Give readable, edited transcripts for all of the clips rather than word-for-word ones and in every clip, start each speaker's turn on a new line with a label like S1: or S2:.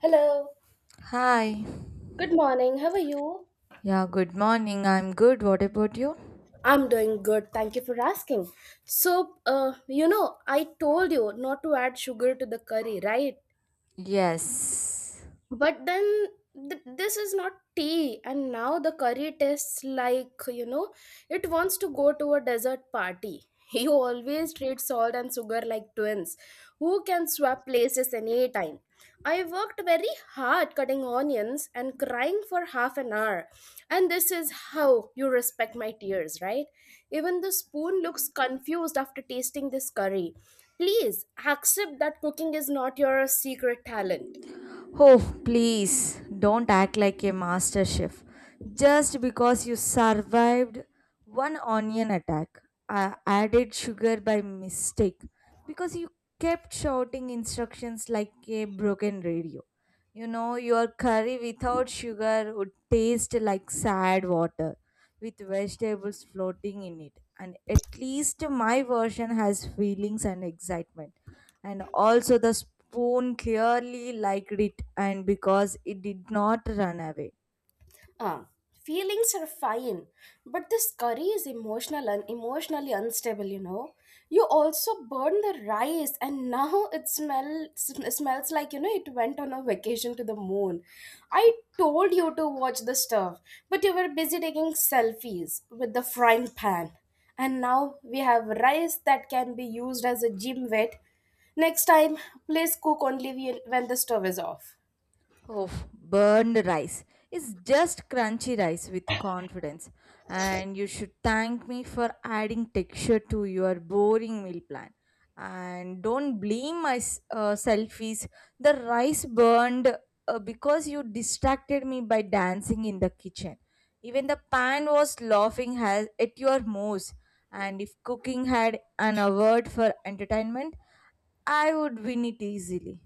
S1: Hello.
S2: Hi.
S1: Good morning. How are you?
S2: Yeah, good morning. I'm good. What about you?
S1: I'm doing good. Thank you for asking. So I told you not to add sugar to the curry, right?
S2: Yes.
S1: But then this is not tea, and now the curry tastes like, it wants to go to a desert party. You always treat salt and sugar like twins who can swap places any time. I worked very hard cutting onions and crying for half an hour. And this is how you respect my tears, right? Even the spoon looks confused after tasting this curry. Please accept that cooking is not your secret talent.
S2: Oh, please don't act like a master chef just because you survived one onion attack. I added sugar by mistake because you kept shouting instructions like a broken radio. Your curry without sugar would taste like sad water with vegetables floating in it. And at least my version has feelings and excitement, and also the spoon clearly liked it, and because it did not run away.
S1: Uh, Feelings are fine, but this curry is emotional and emotionally unstable, You also burn the rice, and now it smells like, it went on a vacation to the moon. I told you to watch the stuff, but you were busy taking selfies with the frying pan. And now we have rice that can be used as a gym weight. Next time, please cook only when the stove is off.
S2: Oh, burned rice. It's just crunchy rice with confidence. And you should thank me for adding texture to your boring meal plan. And don't blame my selfies. The rice burned because you distracted me by dancing in the kitchen. Even the pan was laughing at your moves. And if cooking had an award for entertainment, I would win it easily.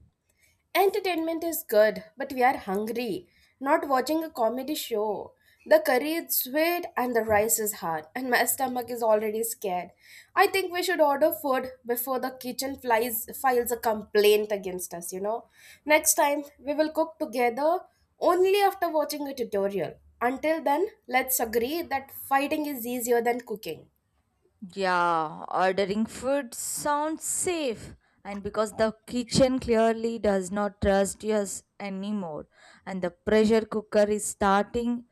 S1: Entertainment is good, but we are hungry, not watching a comedy show. The curry is sweet and the rice is hard, and my stomach is already scared. I think we should order food before the kitchen flies files a complaint against us, Next time we will cook together only after watching a tutorial. Until then, let's agree that fighting is easier than cooking.
S2: Yeah, ordering food sounds safe, and because the kitchen clearly does not trust us anymore, and the pressure cooker is starting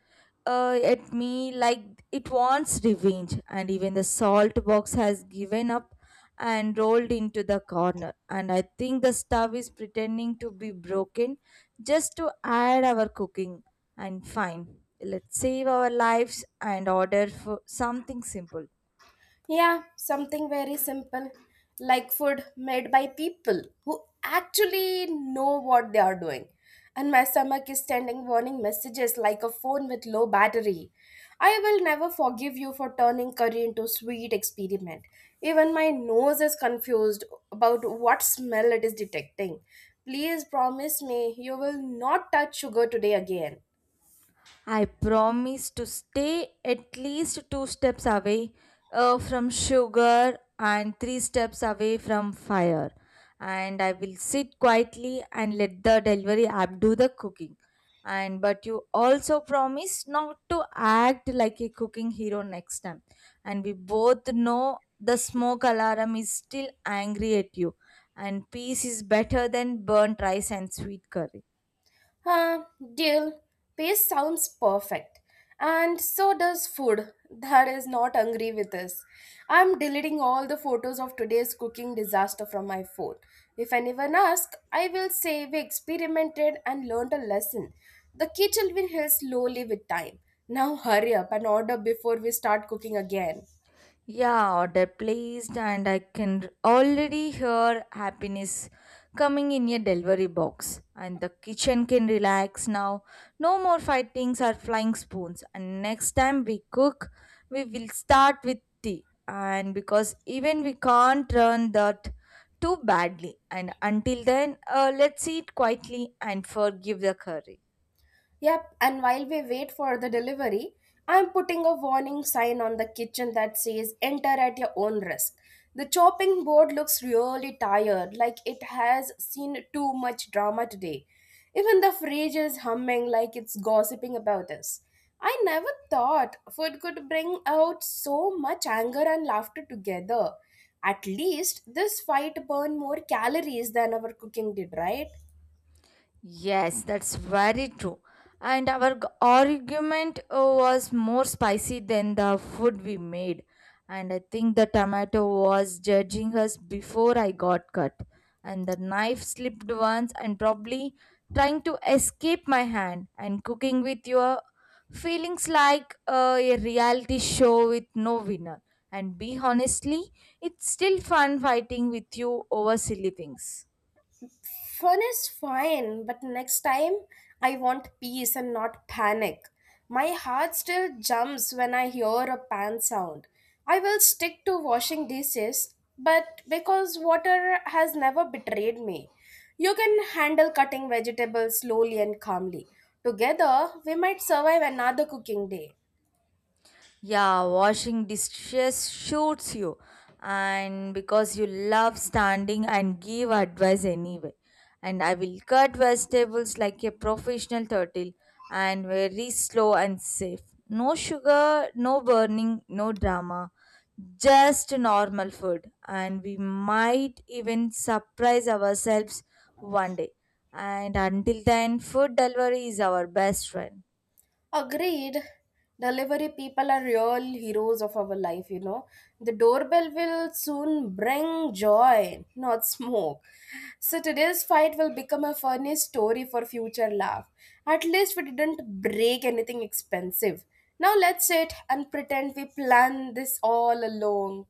S2: at me like it wants revenge, and even the salt box has given up and rolled into the corner. And I think the stove is pretending to be broken just to add our cooking. And fine, let's save our lives and order for something simple.
S1: Yeah, something very simple, like food made by people who actually know what they are doing. And my stomach is sending warning messages like a phone with low battery. I will never forgive you for turning curry into sweet experiment. Even my nose is confused about what smell it is detecting. Please promise me you will not touch sugar today again.
S2: I promise to stay at least two steps away from sugar and three steps away from fire. And I will sit quietly and let the delivery app do the cooking. And but you also promise not to act like a cooking hero next time. And we both know the smoke alarm is still angry at you. And peace is better than burnt rice and sweet curry.
S1: Uh, Deal. Pace sounds perfect. And so does food. That is not hungry with us. I'm deleting all the photos of today's cooking disaster from my phone. If anyone asks, I will say we experimented and learned a lesson. The kitchen will heal slowly with time. Now hurry up and order before we start cooking again.
S2: Yeah, order placed, and I can already hear happiness coming in a delivery box. And the kitchen can relax now. No more fightings or flying spoons. And next time we cook, we will start with tea. And because even we can't run that too badly. And until then, let's eat quietly and forgive the curry.
S1: Yep, and while we wait for the delivery, I'm putting a warning sign on the kitchen that says enter at your own risk. The chopping board looks really tired, like it has seen too much drama today. Even the fridge is humming like it's gossiping about us. I never thought food could bring out so much anger and laughter together. At least this fight burned more calories than our cooking did, right?
S2: Yes, that's very true. And our argument was more spicy than the food we made. And I think the tomato was judging us before I got cut. And the knife slipped once and probably trying to escape my hand. And cooking with your feelings like a reality show with no winner. And be honestly, it's still fun fighting with you over silly things.
S1: Fun is fine, but next time I want peace and not panic. My heart still jumps when I hear a pan sound. I will stick to washing dishes, but because water has never betrayed me. You can handle cutting vegetables slowly and calmly. Together, we might survive another cooking day.
S2: Yeah, washing dishes suits you, and because you love standing and give advice anyway. And I will cut vegetables like a professional turtle and very slow and safe. No sugar, no burning, no drama, just normal food. And we might even surprise ourselves one day. And until then, food delivery is our best friend.
S1: Agreed. Delivery people are real heroes of our life, The doorbell will soon bring joy, not smoke. So today's fight will become a funny story for future laugh. At least we didn't break anything expensive. Now let's sit and pretend we planned this all along.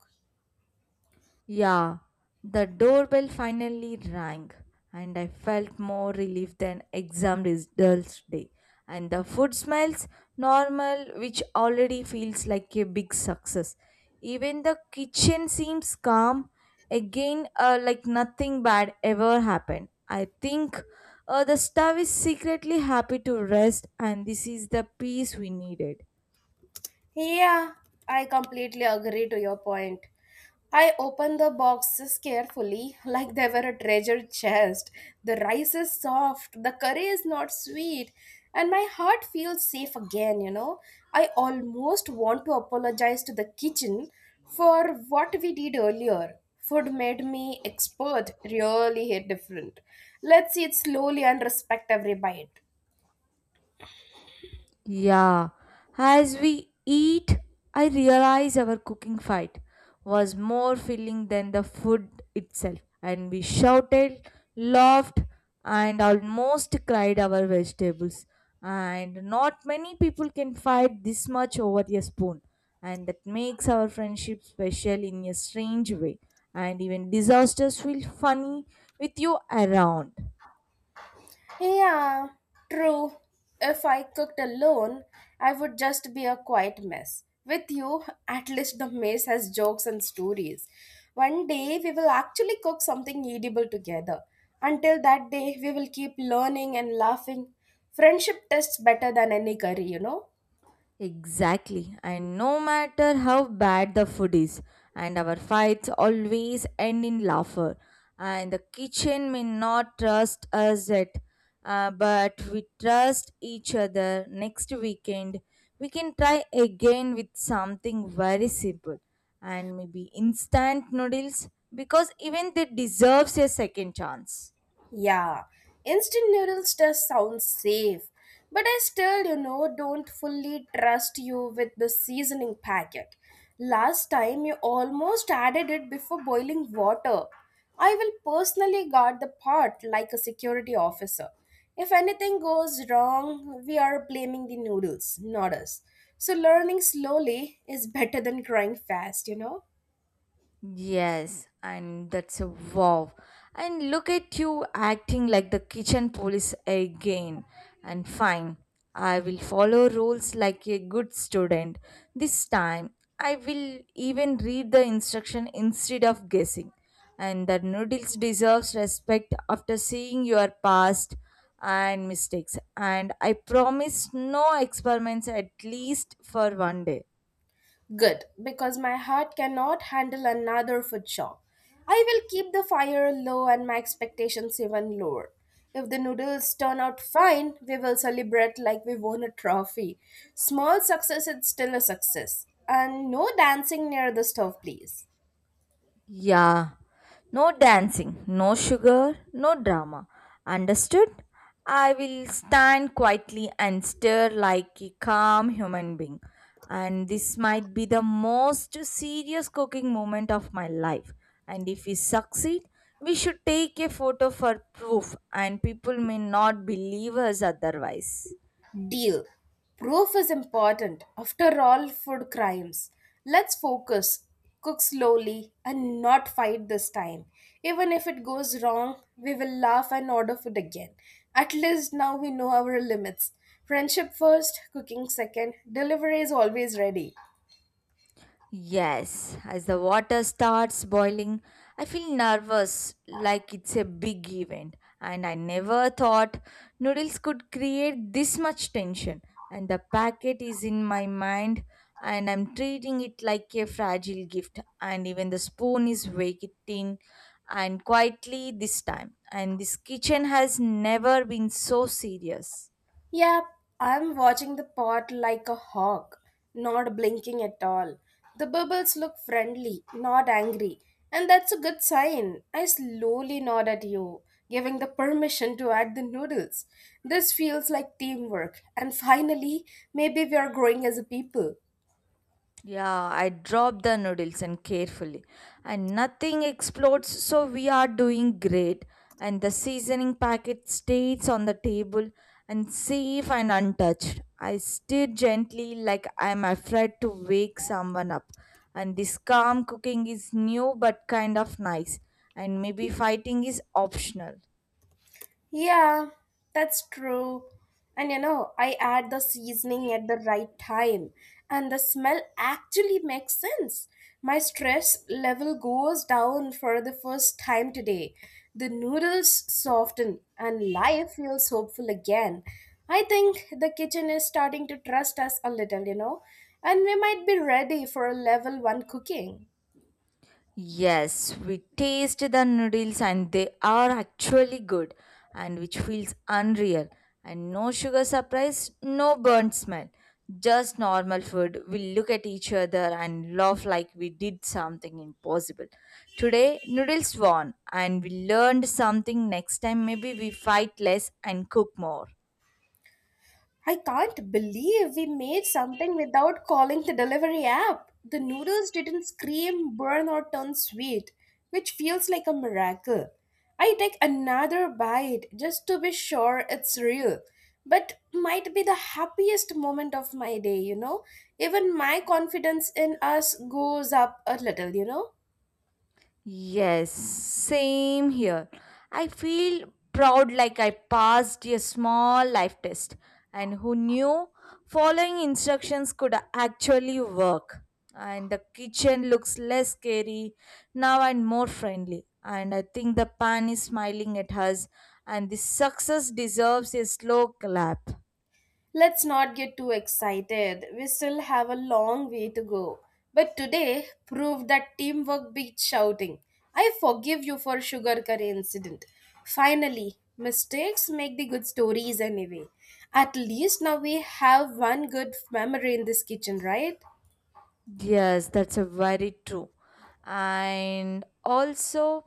S2: Yeah, the doorbell finally rang, and I felt more relief than exam results day. And the food smells normal, which already feels like a big success. Even the kitchen seems calm again, like nothing bad ever happened. I think the staff is secretly happy to rest, and this is the peace we needed.
S1: Yeah, I completely agree to your point. I opened the boxes carefully, like they were a treasure chest. The rice is soft, the curry is not sweet, and my heart feels safe again, I almost want to apologize to the kitchen for what we did earlier. Food made me expert, really hit different. Let's eat slowly and respect every bite.
S2: Yeah, as we eat, I realize our cooking fight was more filling than the food itself, and we shouted, laughed, and almost cried our vegetables. And not many people can fight this much over a spoon, and that makes our friendship special in a strange way. And even disasters feel funny with you around.
S1: Yeah, true. If I cooked alone, I would just be a quiet mess. With you, at least the mess has jokes and stories. One day, we will actually cook something edible together. Until that day, we will keep learning and laughing. Friendship tests better than any curry,
S2: Exactly. And no matter how bad the food is, and our fights always end in laughter. And the kitchen may not trust us yet, but we trust each other. Next weekend, we can try again with something very simple and maybe instant noodles because even they deserves a second chance.
S1: Yeah, instant noodles does sound safe, but I still, don't fully trust you with the seasoning packet. Last time you almost added it before boiling water. I will personally guard the pot like a security officer. If anything goes wrong, we are blaming the noodles, not us. So learning slowly is better than crying fast,
S2: Yes, and that's a wow. And look at you acting like the kitchen police again. And fine, I will follow rules like a good student. This time, I will even read the instruction instead of guessing. And the noodles deserves respect after seeing your past and mistakes. And I promise no experiments at least for one day.
S1: Good, because my heart cannot handle another food shock. I will keep the fire low and my expectations even lower. If the noodles turn out fine, we will celebrate like we won a trophy. Small success is still a success. And no dancing near the stove, please.
S2: Yeah, no dancing, no sugar, no drama. Understood? I will stand quietly and stare like a calm human being. And this might be the most serious cooking moment of my life. And if we succeed, we should take a photo for proof, and people may not believe us otherwise.
S1: Deal. Proof is important. After all, food crimes. Let's focus, cook slowly, and not fight this time. Even if it goes wrong, we will laugh and order food again. At least now we know our limits. Friendship first, cooking second, delivery is always ready.
S2: Yes, as the water starts boiling, I feel nervous like it's a big event, and I never thought noodles could create this much tension. And the packet is in my mind, and I'm treating it like a fragile gift, and even the spoon is waiting and quietly this time. And this kitchen has never been so serious.
S1: Yep, I'm watching the pot like a hawk, not blinking at all. The bubbles look friendly, not angry, and that's a good sign. I slowly nod at you, giving the permission to add the noodles. This feels like teamwork, and finally, maybe we are growing as a people.
S2: Yeah, I drop the noodles and carefully, and nothing explodes, so we are doing great. And the seasoning packet stays on the table and safe and untouched. I stir gently like I'm afraid to wake someone up. And this calm cooking is new but kind of nice, and maybe fighting is optional.
S1: Yeah, that's true. And I add the seasoning at the right time, and the smell actually makes sense. My stress level goes down for the first time today. The noodles soften, and life feels hopeful again. I think the kitchen is starting to trust us a little, and we might be ready for a level one cooking.
S2: Yes, we taste the noodles and they are actually good and which feels unreal. And no sugar surprise, no burnt smell. Just normal food. We look at each other and laugh like we did something impossible. Today, noodles won and we learned something. Next time, maybe we fight less and cook more.
S1: I can't believe we made something without calling the delivery app. The noodles didn't scream, burn, or turn sweet, which feels like a miracle. I take another bite just to be sure it's real, but might be the happiest moment of my day, Even my confidence in us goes up a little,
S2: Yes, same here. I feel proud like I passed a small life test, and who knew following instructions could actually work. And the kitchen looks less scary now and more friendly. And I think the pan is smiling at us, and this success deserves a slow clap.
S1: Let's not get too excited. We still have a long way to go. But today proved that teamwork beats shouting. I forgive you for sugar curry incident. Finally, mistakes make the good stories anyway. At least now we have one good memory in this kitchen, right?
S2: Yes, that's a very true. And also,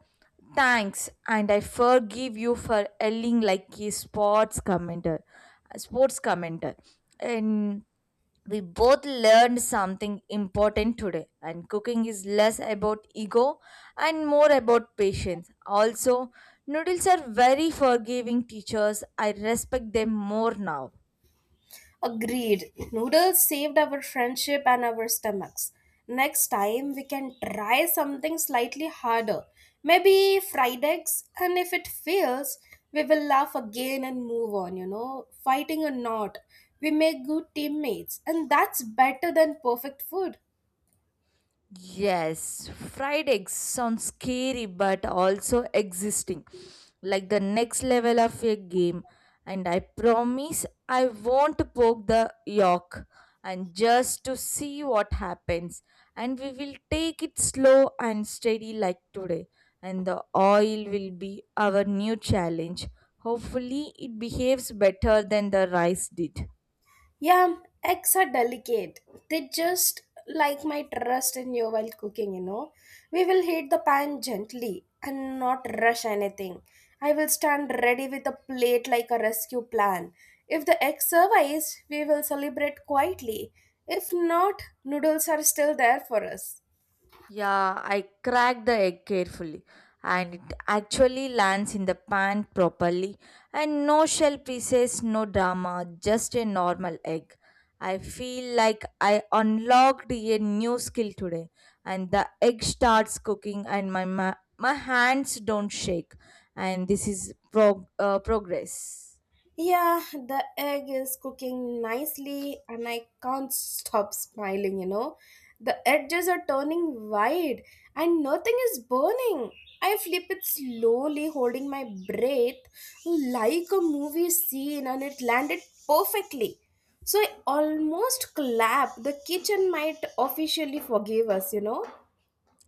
S2: thanks, and I forgive you for yelling like a sports commenter, a sports commenter. And we both learned something important today. And cooking is less about ego and more about patience. Also, noodles are very forgiving teachers. I respect them more now.
S1: Agreed. Noodles saved our friendship and our stomachs. Next time, we can try something slightly harder. Maybe fried eggs, and if it fails, we will laugh again and move on, Fighting or not, we make good teammates, and that's better than perfect food.
S2: Yes, fried eggs sound scary but also existing, like the next level of a game. And I promise I won't poke the yolk and just to see what happens. And we will take it slow and steady like today. And the oil will be our new challenge. Hopefully, it behaves better than the rice did.
S1: Yeah, eggs are delicate. They just like my trust in you while cooking, We will heat the pan gently and not rush anything. I will stand ready with a plate like a rescue plan. If the egg survives, we will celebrate quietly. If not, noodles are still there for us.
S2: Yeah, I crack the egg carefully and it actually lands in the pan properly and no shell pieces, no drama, just a normal egg. I feel like I unlocked a new skill today and the egg starts cooking and my hands don't shake and this is progress.
S1: Yeah, the egg is cooking nicely, and I can't stop smiling, The edges are turning white, and nothing is burning. I flip it slowly, holding my breath like a movie scene, and it landed perfectly. So I almost clapped. The kitchen might officially forgive us,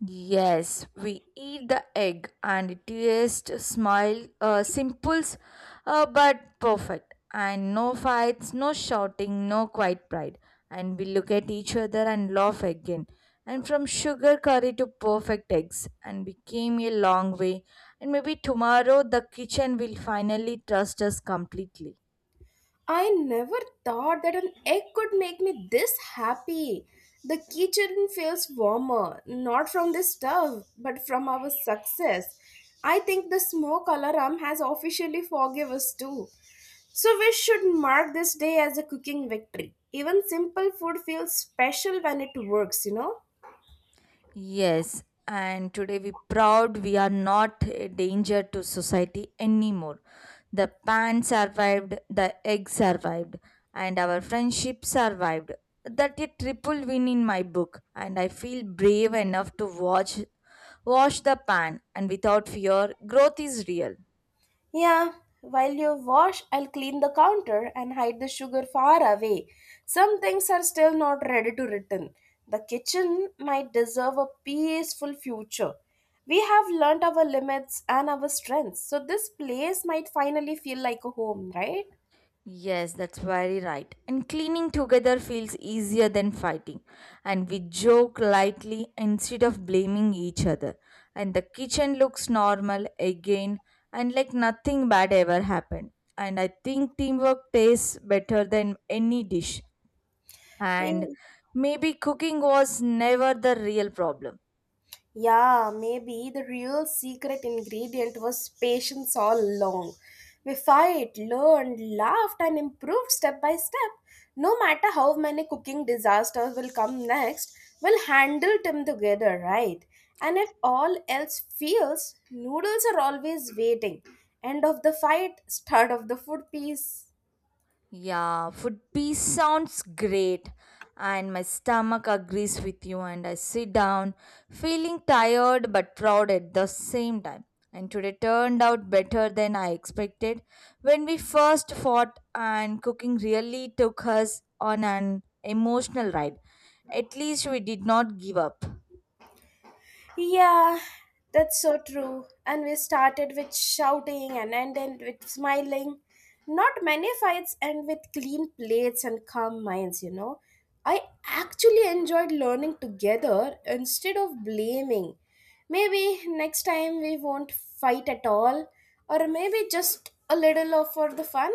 S2: Yes, we eat the egg and it smile simples, but perfect and no fights, no shouting, no quiet pride and we look at each other and laugh again and from sugar curry to perfect eggs and we came a long way and maybe tomorrow the kitchen will finally trust us completely.
S1: I never thought that an egg could make me this happy. The kitchen feels warmer, not from this stuff, but from our success. I think the smoke alarm has officially forgive us too. So we should mark this day as a cooking victory. Even simple food feels special when it works,
S2: Yes, and today we proud we are not a danger to society anymore. The pan survived, the egg survived, and our friendship survived. That a triple win in my book, and I feel brave enough to watch wash the pan and without fear, growth is real.
S1: Yeah, while you wash, I'll clean the counter and hide the sugar far away. Some things are still not ready to return. The kitchen might deserve a peaceful future. We have learnt our limits and our strengths, so this place might finally feel like a home, right?
S2: Yes, that's very right. And cleaning together feels easier than fighting. And we joke lightly instead of blaming each other. And the kitchen looks normal again and like nothing bad ever happened. And I think teamwork tastes better than any dish. And
S1: Eh,
S2: maybe cooking was never the real problem.
S1: Yeah, maybe the real secret ingredient was patience all along. We fight, learned, laughed, and improved step by step. No matter how many cooking disasters will come next, we'll handle them together, right? And if all else fails, noodles are always waiting. End of the fight, start of the food piece.
S2: Yeah, food peace sounds great. And my stomach agrees with you, and I sit down, feeling tired but proud at the same time. And today turned out better than I expected. When we first fought, and cooking really took us on an emotional ride. At least we did not give up.
S1: Yeah, that's so true. And we started with shouting and ended with smiling. Not many fights end with clean plates and calm minds, I actually enjoyed learning together instead of blaming. Maybe next time we won't fight at all, or maybe just a little of for the fun.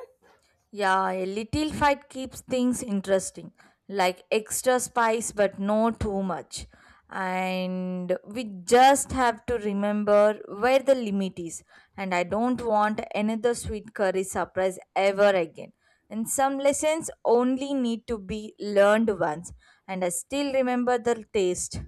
S2: Yeah, a little fight keeps things interesting, like extra spice, but no too much. And we just have to remember where the limit is. And I don't want another sweet curry surprise ever again. And some lessons only need to be learned once. And I still remember the taste.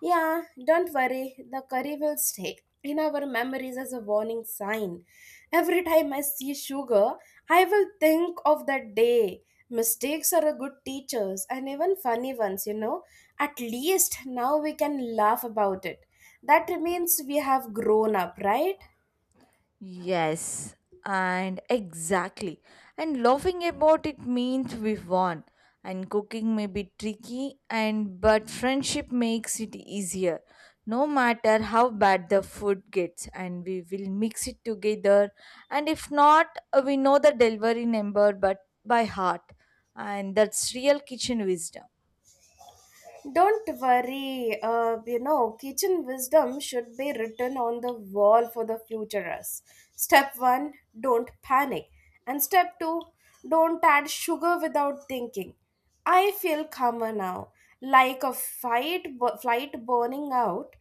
S1: Yeah, don't worry. The curry will stick in our memories as a warning sign. Every time I see sugar, I will think of that day. Mistakes are a good teachers and even funny ones, At least now we can laugh about it. That means we have grown up, right?
S2: Yes, and exactly. And laughing about it means we won. And cooking may be tricky, and but friendship makes it easier. No matter how bad the food gets, and we will mix it together. And if not, we know the delivery number, but by heart, and that's real kitchen wisdom.
S1: Don't worry, kitchen wisdom should be written on the wall for the future us. Step one, don't panic. And step two, don't add sugar without thinking. I feel calmer now, like a fight, flight burning out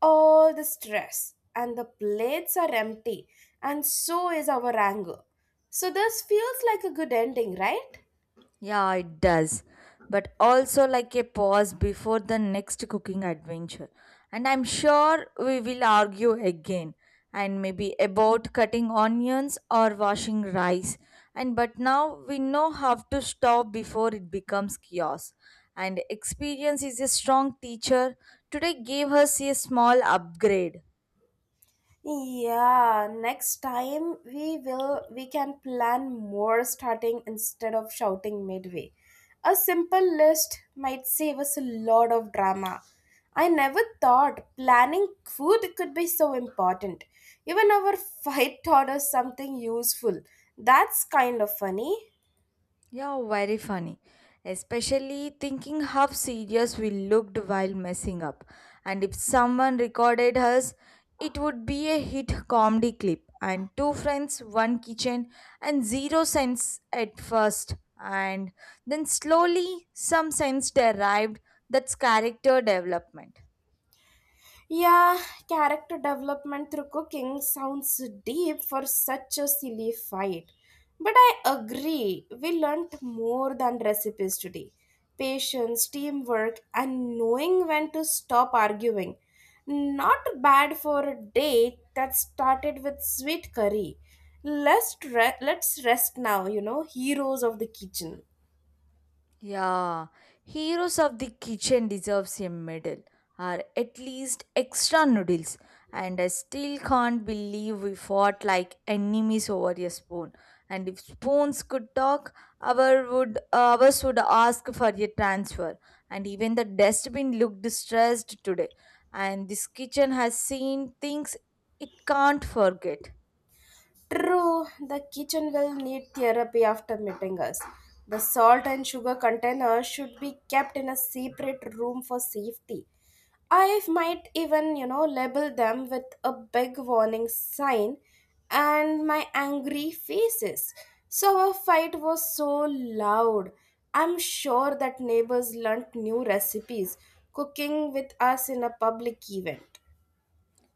S1: all the stress, and the plates are empty, and so is our anger. So, this feels like a good ending, right?
S2: Yeah, it does. But also like a pause before the next cooking adventure. And I'm sure we will argue again and maybe about cutting onions or washing rice. And but now we know how to stop before it becomes chaos. And experience is a strong teacher. Today gave us a small upgrade.
S1: Yeah, next time we can plan more starting instead of shouting midway. A simple list might save us a lot of drama. I never thought planning food could be so important. Even our fight taught us something useful. That's kind of funny.
S2: Yeah, very funny. Especially thinking how serious we looked while messing up. And if someone recorded us, it would be a hit comedy clip. And two friends, one kitchen, and zero sense at first. And then slowly, some sense derived that's character development.
S1: Yeah, character development through cooking sounds deep for such a silly fight. But I agree, we learnt more than recipes today. Patience, teamwork, and knowing when to stop arguing. Not bad for a day that started with sweet curry. Let's rest now, heroes of the kitchen.
S2: Yeah, Heroes of the Kitchen deserves a medal, or at least extra noodles. And I still can't believe we fought like enemies over a spoon. And if spoons could talk, ours would ask for a transfer. And even the dustbin looked stressed today. And this kitchen has seen things it can't forget.
S1: True, the kitchen will need therapy after meeting us. The salt and sugar container should be kept in a separate room for safety. I might even label them with a big warning sign and my angry faces. So our fight was so loud. I'm sure that neighbors learnt new recipes cooking with us in a public event.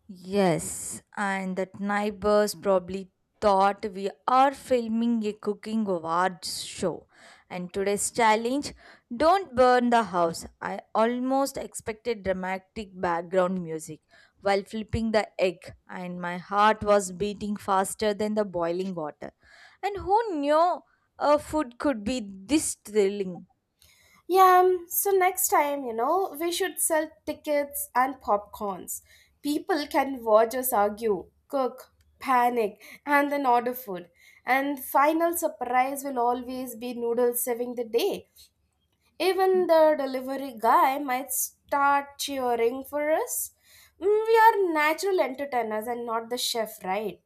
S2: Yes, and that neighbors probably thought we are filming a cooking awards show. And today's challenge, don't burn the house. I almost expected dramatic background music while flipping the egg, and my heart was beating faster than the boiling water. And who knew a food could be this thrilling?
S1: Yeah, so next time, we should sell tickets and popcorns. People can watch us argue, cook, panic, and then order food. And final surprise will always be noodles saving the day. Even the delivery guy might start cheering for us. We are natural entertainers and not the chef, right?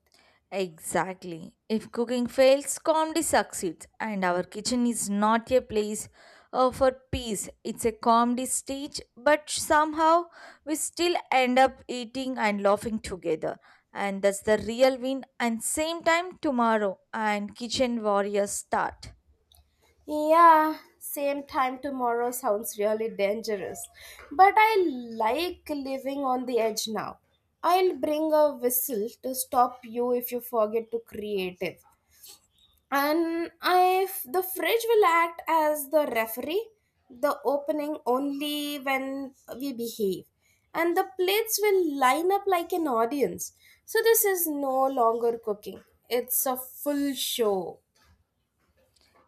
S2: Exactly. If cooking fails, comedy succeeds, and our kitchen is not a place for peace. It's a comedy stage, but somehow we still end up eating and laughing together. And that's the real win. And same time tomorrow, and kitchen warriors start.
S1: Yeah, same time tomorrow sounds really dangerous. But I like living on the edge now. I'll bring a whistle to stop you if you forget to creative. And if the fridge will act as the referee, the opening only when we behave. And the plates will line up like an audience. So this is no longer cooking. It's a full show.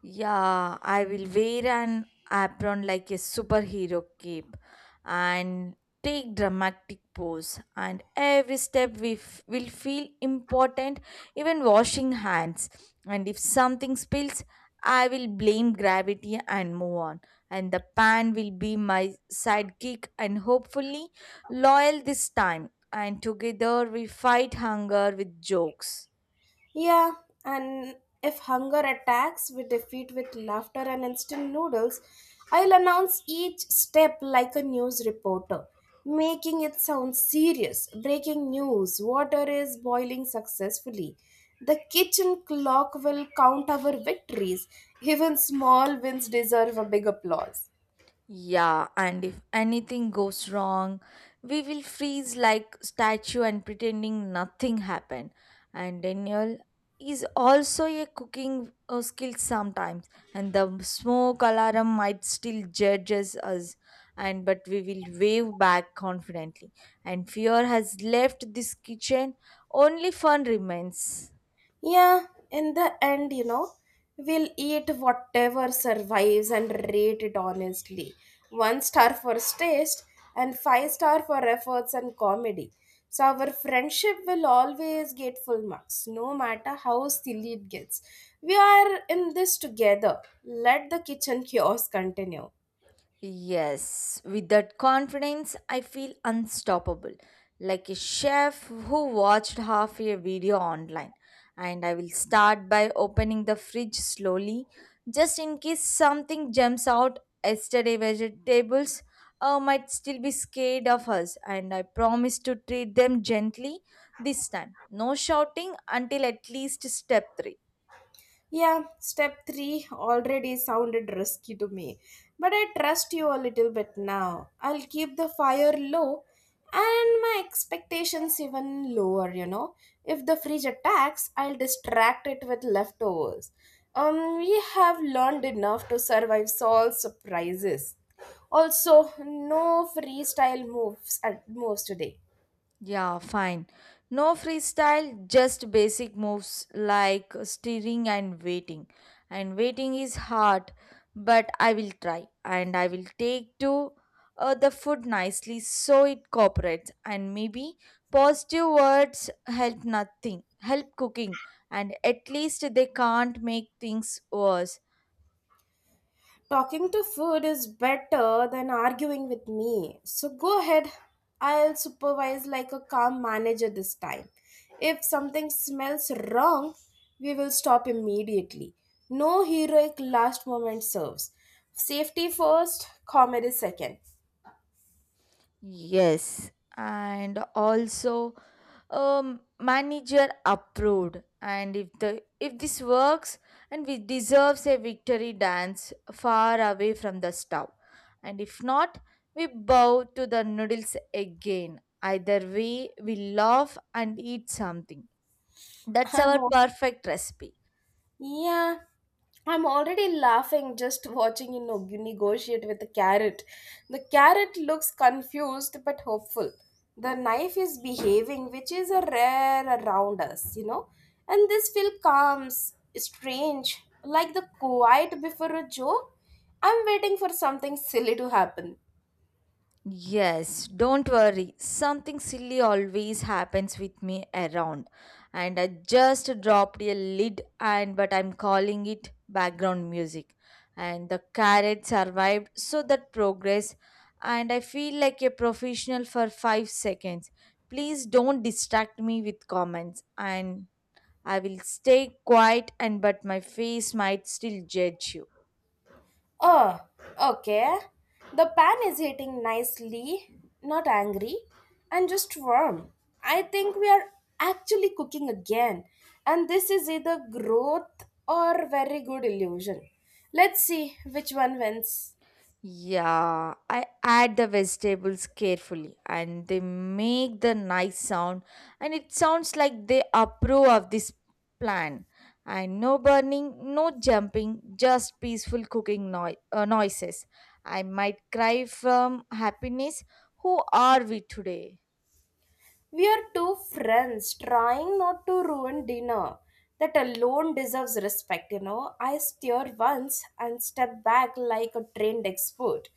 S2: Yeah, I will wear an apron like a superhero cape and take dramatic pose and every step will feel important, even washing hands, and if something spills I will blame gravity and move on, and the pan will be my sidekick and hopefully loyal this time, and together we fight hunger with jokes.
S1: Yeah, and if hunger attacks, we defeat with laughter and instant noodles. I'll announce each step like a news reporter, making it sound serious. Breaking news water is boiling successfully. The kitchen clock will count our victories. Even small wins deserve a big applause.
S2: Yeah, and if anything goes wrong, we will freeze like statue and pretending nothing happened. And Daniel is also a cooking skill sometimes, and the smoke alarm might still judges us. And but we will wave back confidently. And fear has left this kitchen. Only fun remains.
S1: Yeah, in the end, we'll eat whatever survives and rate it honestly. One star for taste and five star for efforts and comedy. So our friendship will always get full marks, no matter how silly it gets. We are in this together. Let the kitchen chaos continue.
S2: Yes, with that confidence, I feel unstoppable, like a chef who watched half a video online. And I will start by opening the fridge slowly, just in case something jumps out. Yesterday, vegetables might still be scared of us, and I promise to treat them gently this time. No shouting until at least step 3.
S1: Yeah, step three already sounded risky to me, but I trust you a little bit now. I'll keep the fire low and my expectations even lower. If the fridge attacks, I'll distract it with leftovers. We have learned enough to survive all surprises. Also, no freestyle moves at moves today.
S2: Yeah, fine. No freestyle, just basic moves like steering and waiting. And waiting is hard, but I will try. And I will take to the food nicely so it cooperates. And maybe positive words help nothing, help cooking. And at least they can't make things worse.
S1: Talking to food is better than arguing with me. So go ahead. I'll supervise like a calm manager this time. If something smells wrong, we will stop immediately. No heroic last moment serves. Safety first, comedy second.
S2: Yes, and also manager approved. And if this works, and we deserves a victory dance far away from the stove. And if not, we bow to the noodles again. Either way, we laugh and eat something. That's
S1: I'm
S2: our
S1: all
S2: perfect recipe.
S1: Yeah, I'm already laughing just watching you negotiate with the carrot. The carrot looks confused but hopeful. The knife is behaving, which is a rare around us. And this feel comes strange, like the quiet before a joke. I'm waiting for something silly to happen.
S2: Yes, don't worry. Something silly always happens with me around. And I just dropped a lid and but I'm calling it background music. And the carrot survived so that progress, and I feel like a professional for 5 seconds. Please don't distract me with comments, and I will stay quiet and but my face might still judge you.
S1: Oh, okay. The pan is heating nicely, not angry, and just warm. I think we are actually cooking again, and this is either growth or very good illusion. Let's see which one wins.
S2: Yeah, I add the vegetables carefully and they make the nice sound, and it sounds like they approve of this plan. And no burning, no jumping, just peaceful noises. I might cry from happiness. Who are we today?
S1: We are two friends trying not to ruin dinner. That alone deserves respect. I stir once and step back like a trained expert.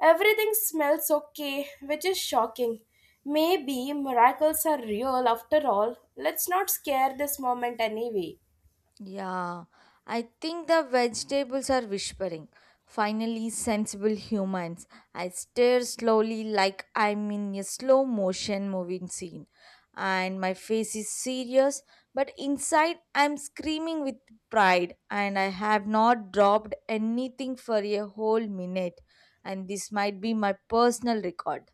S1: Everything smells okay, which is shocking. Maybe miracles are real after all. Let's not scare this moment anyway.
S2: Yeah, I think the vegetables are whispering. Finally, sensible humans. I stare slowly like I'm in a slow motion moving scene. And my face is serious, but inside I'm screaming with pride. And I have not dropped anything for a whole minute. And this might be my personal record.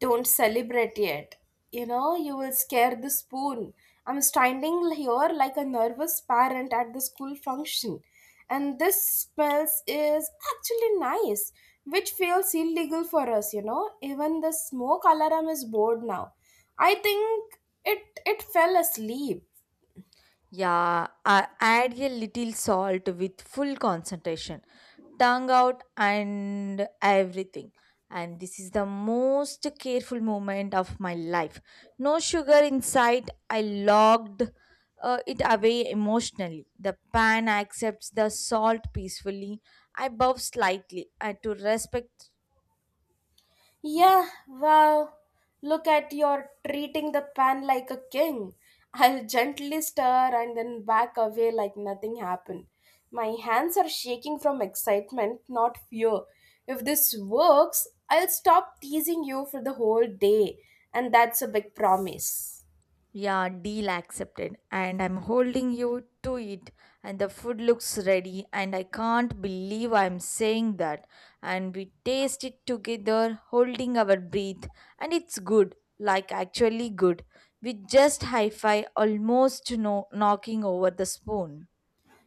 S1: Don't celebrate yet. You will scare the spoon. I'm standing here like a nervous parent at the school function. And this smells is actually nice, which feels illegal for us. Even the smoke alarm is bored now. I think it fell asleep.
S2: Yeah, I add a little salt with full concentration, tongue out, and everything. And this is the most careful moment of my life. No sugar in sight. I logged it away emotionally. The pan accepts the salt peacefully. I bow slightly to respect.
S1: Yeah, wow. Look at your treating the pan like a king. I'll gently stir and then back away like nothing happened. My hands are shaking from excitement, not fear. If this works, I'll stop teasing you for the whole day, and that's a big promise.
S2: Yeah, deal accepted. And I'm holding you to it. And the food looks ready. And I can't believe I'm saying that. And we taste it together, holding our breath. And it's good. Like, actually good. We just high five, almost knocking over the spoon.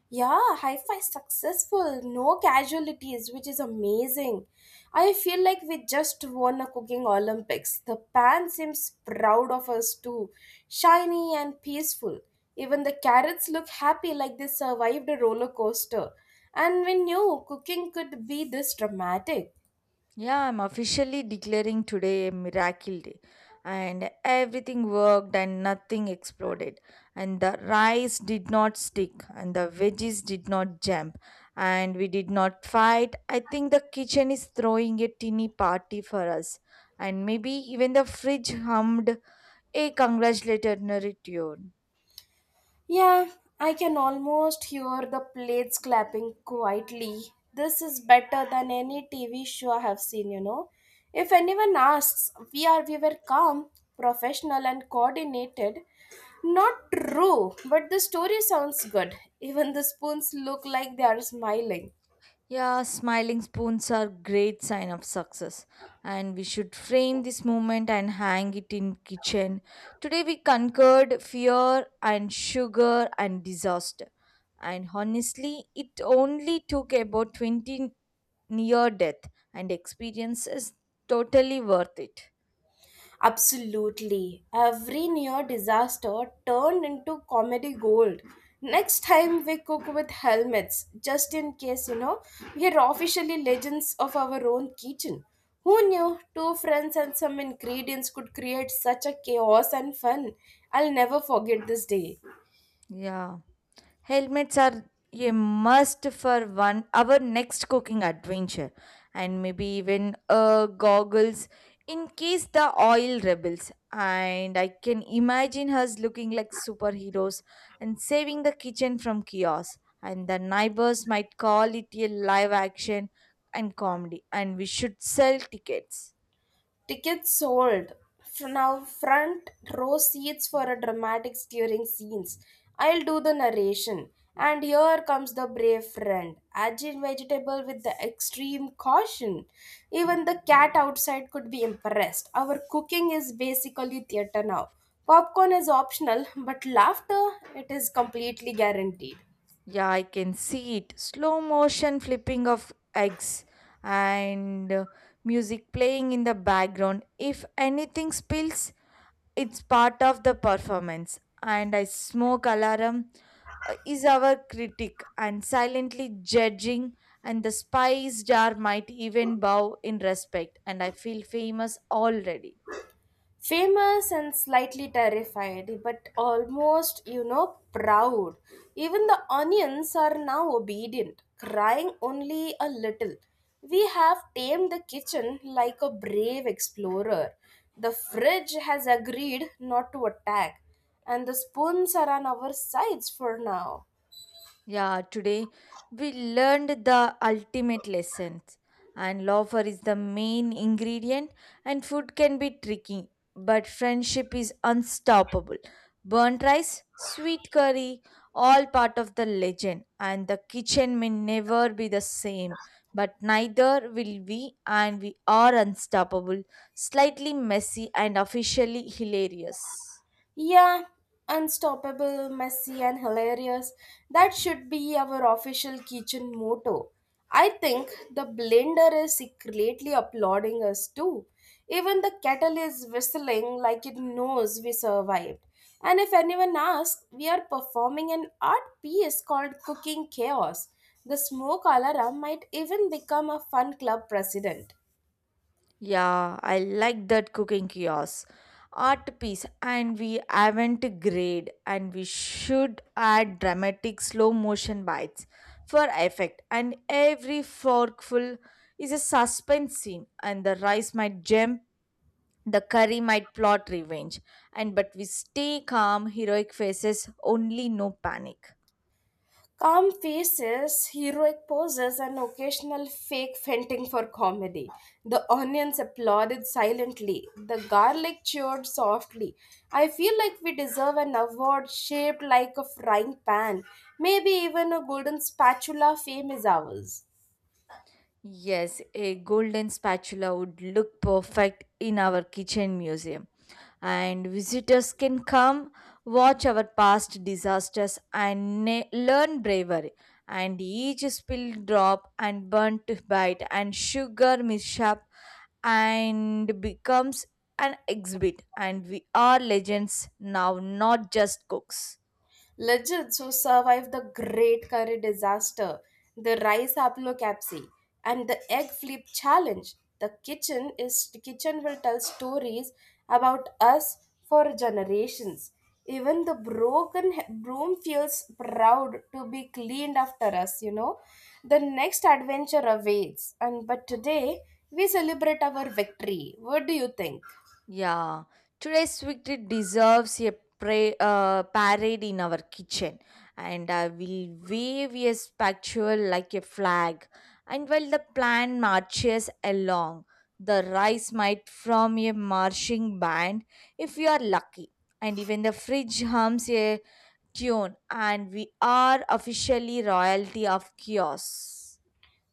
S1: Yeah, high five successful, no casualties, which is amazing. I feel like we just won a cooking Olympics. The pan seems proud of us too, shiny and peaceful. Even the carrots look happy like they survived a roller coaster. And we knew cooking could be this dramatic.
S2: Yeah, I'm officially declaring today a miracle day. And everything worked and nothing exploded. And the rice did not stick and the veggies did not jump. And we did not fight. I think the kitchen is throwing a teeny party for us. And maybe even the fridge hummed a congratulatory tune.
S1: Yeah, I can almost hear the plates clapping quietly. This is better than any TV show I have seen. If anyone asks, we were calm, professional and coordinated. Not true, but the story sounds good. Even the spoons look like they are smiling.
S2: Yeah, smiling spoons are great sign of success, and we should frame this moment and hang it in kitchen. Today we conquered fear and sugar and disaster. And honestly, it only took about 20 near death and experiences, totally worth it.
S1: Absolutely. Every near disaster turned into comedy gold. Next time we cook with helmets, just in case, we are officially legends of our own kitchen. Who knew two friends and some ingredients could create such a chaos and fun? I'll never forget this day.
S2: Yeah. Helmets are a must for one our next cooking adventure, and maybe even goggles in case the oil rebels. And I can imagine us looking like superheroes and saving the kitchen from chaos. And the neighbors might call it a live action and comedy, and we should sell tickets.
S1: Tickets sold. For now, front row seats for a dramatic stirring scenes. I'll do the narration. And here comes the brave friend, agile vegetable with the extreme caution. Even the cat outside could be impressed. Our cooking is basically theater now. Popcorn is optional, but laughter it is completely guaranteed.
S2: Yeah, I can see it. Slow motion flipping of eggs and music playing in the background. If anything spills, it's part of the performance. And I smoke alarm is our critic and silently judging, and the spice jar might even bow in respect, and I feel famous already.
S1: Famous and slightly terrified, but almost, proud. Even the onions are now obedient, crying only a little. We have tamed the kitchen like a brave explorer. The fridge has agreed not to attack, and the spoons are on our sides for now.
S2: Yeah, today we learned the ultimate lessons. And laughter is the main ingredient, and food can be tricky, but friendship is unstoppable. Burnt rice, sweet curry, all part of the legend, and the kitchen may never be the same, but neither will we, and we are unstoppable, slightly messy, and officially hilarious.
S1: Yeah, unstoppable, messy, and hilarious. That should be our official kitchen motto. I think the blender is secretly applauding us too. Even the kettle is whistling like it knows we survived. And if anyone asks, we are performing an art piece called Cooking Chaos. The smoke alarm might even become a fun club president.
S2: Yeah, I like that cooking kiosk. Art piece, and we haven't grade, and we should add dramatic slow motion bites for effect. And every forkful is a suspense scene, and the rice might jump, the curry might plot revenge. And but we stay calm, heroic faces, only no panic.
S1: Calm faces, heroic poses, and occasional fake fainting for comedy. The onions applauded silently. The garlic cheered softly. I feel like we deserve an award shaped like a frying pan. Maybe even a golden spatula fame is ours.
S2: Yes, a golden spatula would look perfect in our kitchen museum. And visitors can come, watch our past disasters, and learn bravery. And each spilled drop and burnt bite and sugar mishap and becomes an exhibit. And we are legends now, not just cooks.
S1: Legends who survived the Great Curry disaster, the rice haplocapsy, and the egg flip challenge. The kitchen will tell stories about us for generations. Even the broken broom feels proud to be cleaned after us. The next adventure awaits, and but today we celebrate our victory. What do you think?
S2: Yeah, today's victory deserves a parade in our kitchen, and I will wave a spectacle like a flag. And while the plan marches along, the rice might from a marching band if we are lucky. And even the fridge hums a tune, and we are officially royalty of chaos.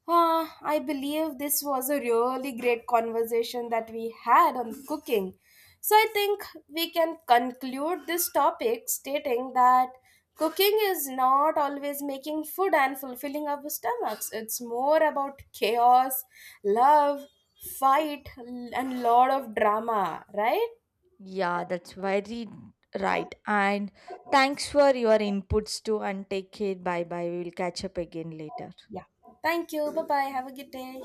S1: Ah, I believe this was a really great conversation that we had on cooking. So I think we can conclude this topic stating that cooking is not always making food and fulfilling our stomachs. It's more about chaos, love, fight, and lot of drama, right?
S2: Yeah, that's very right. And thanks for your inputs too. And take care. Bye bye. We will catch up again later.
S1: Yeah. Thank you. Bye bye. Have a good day.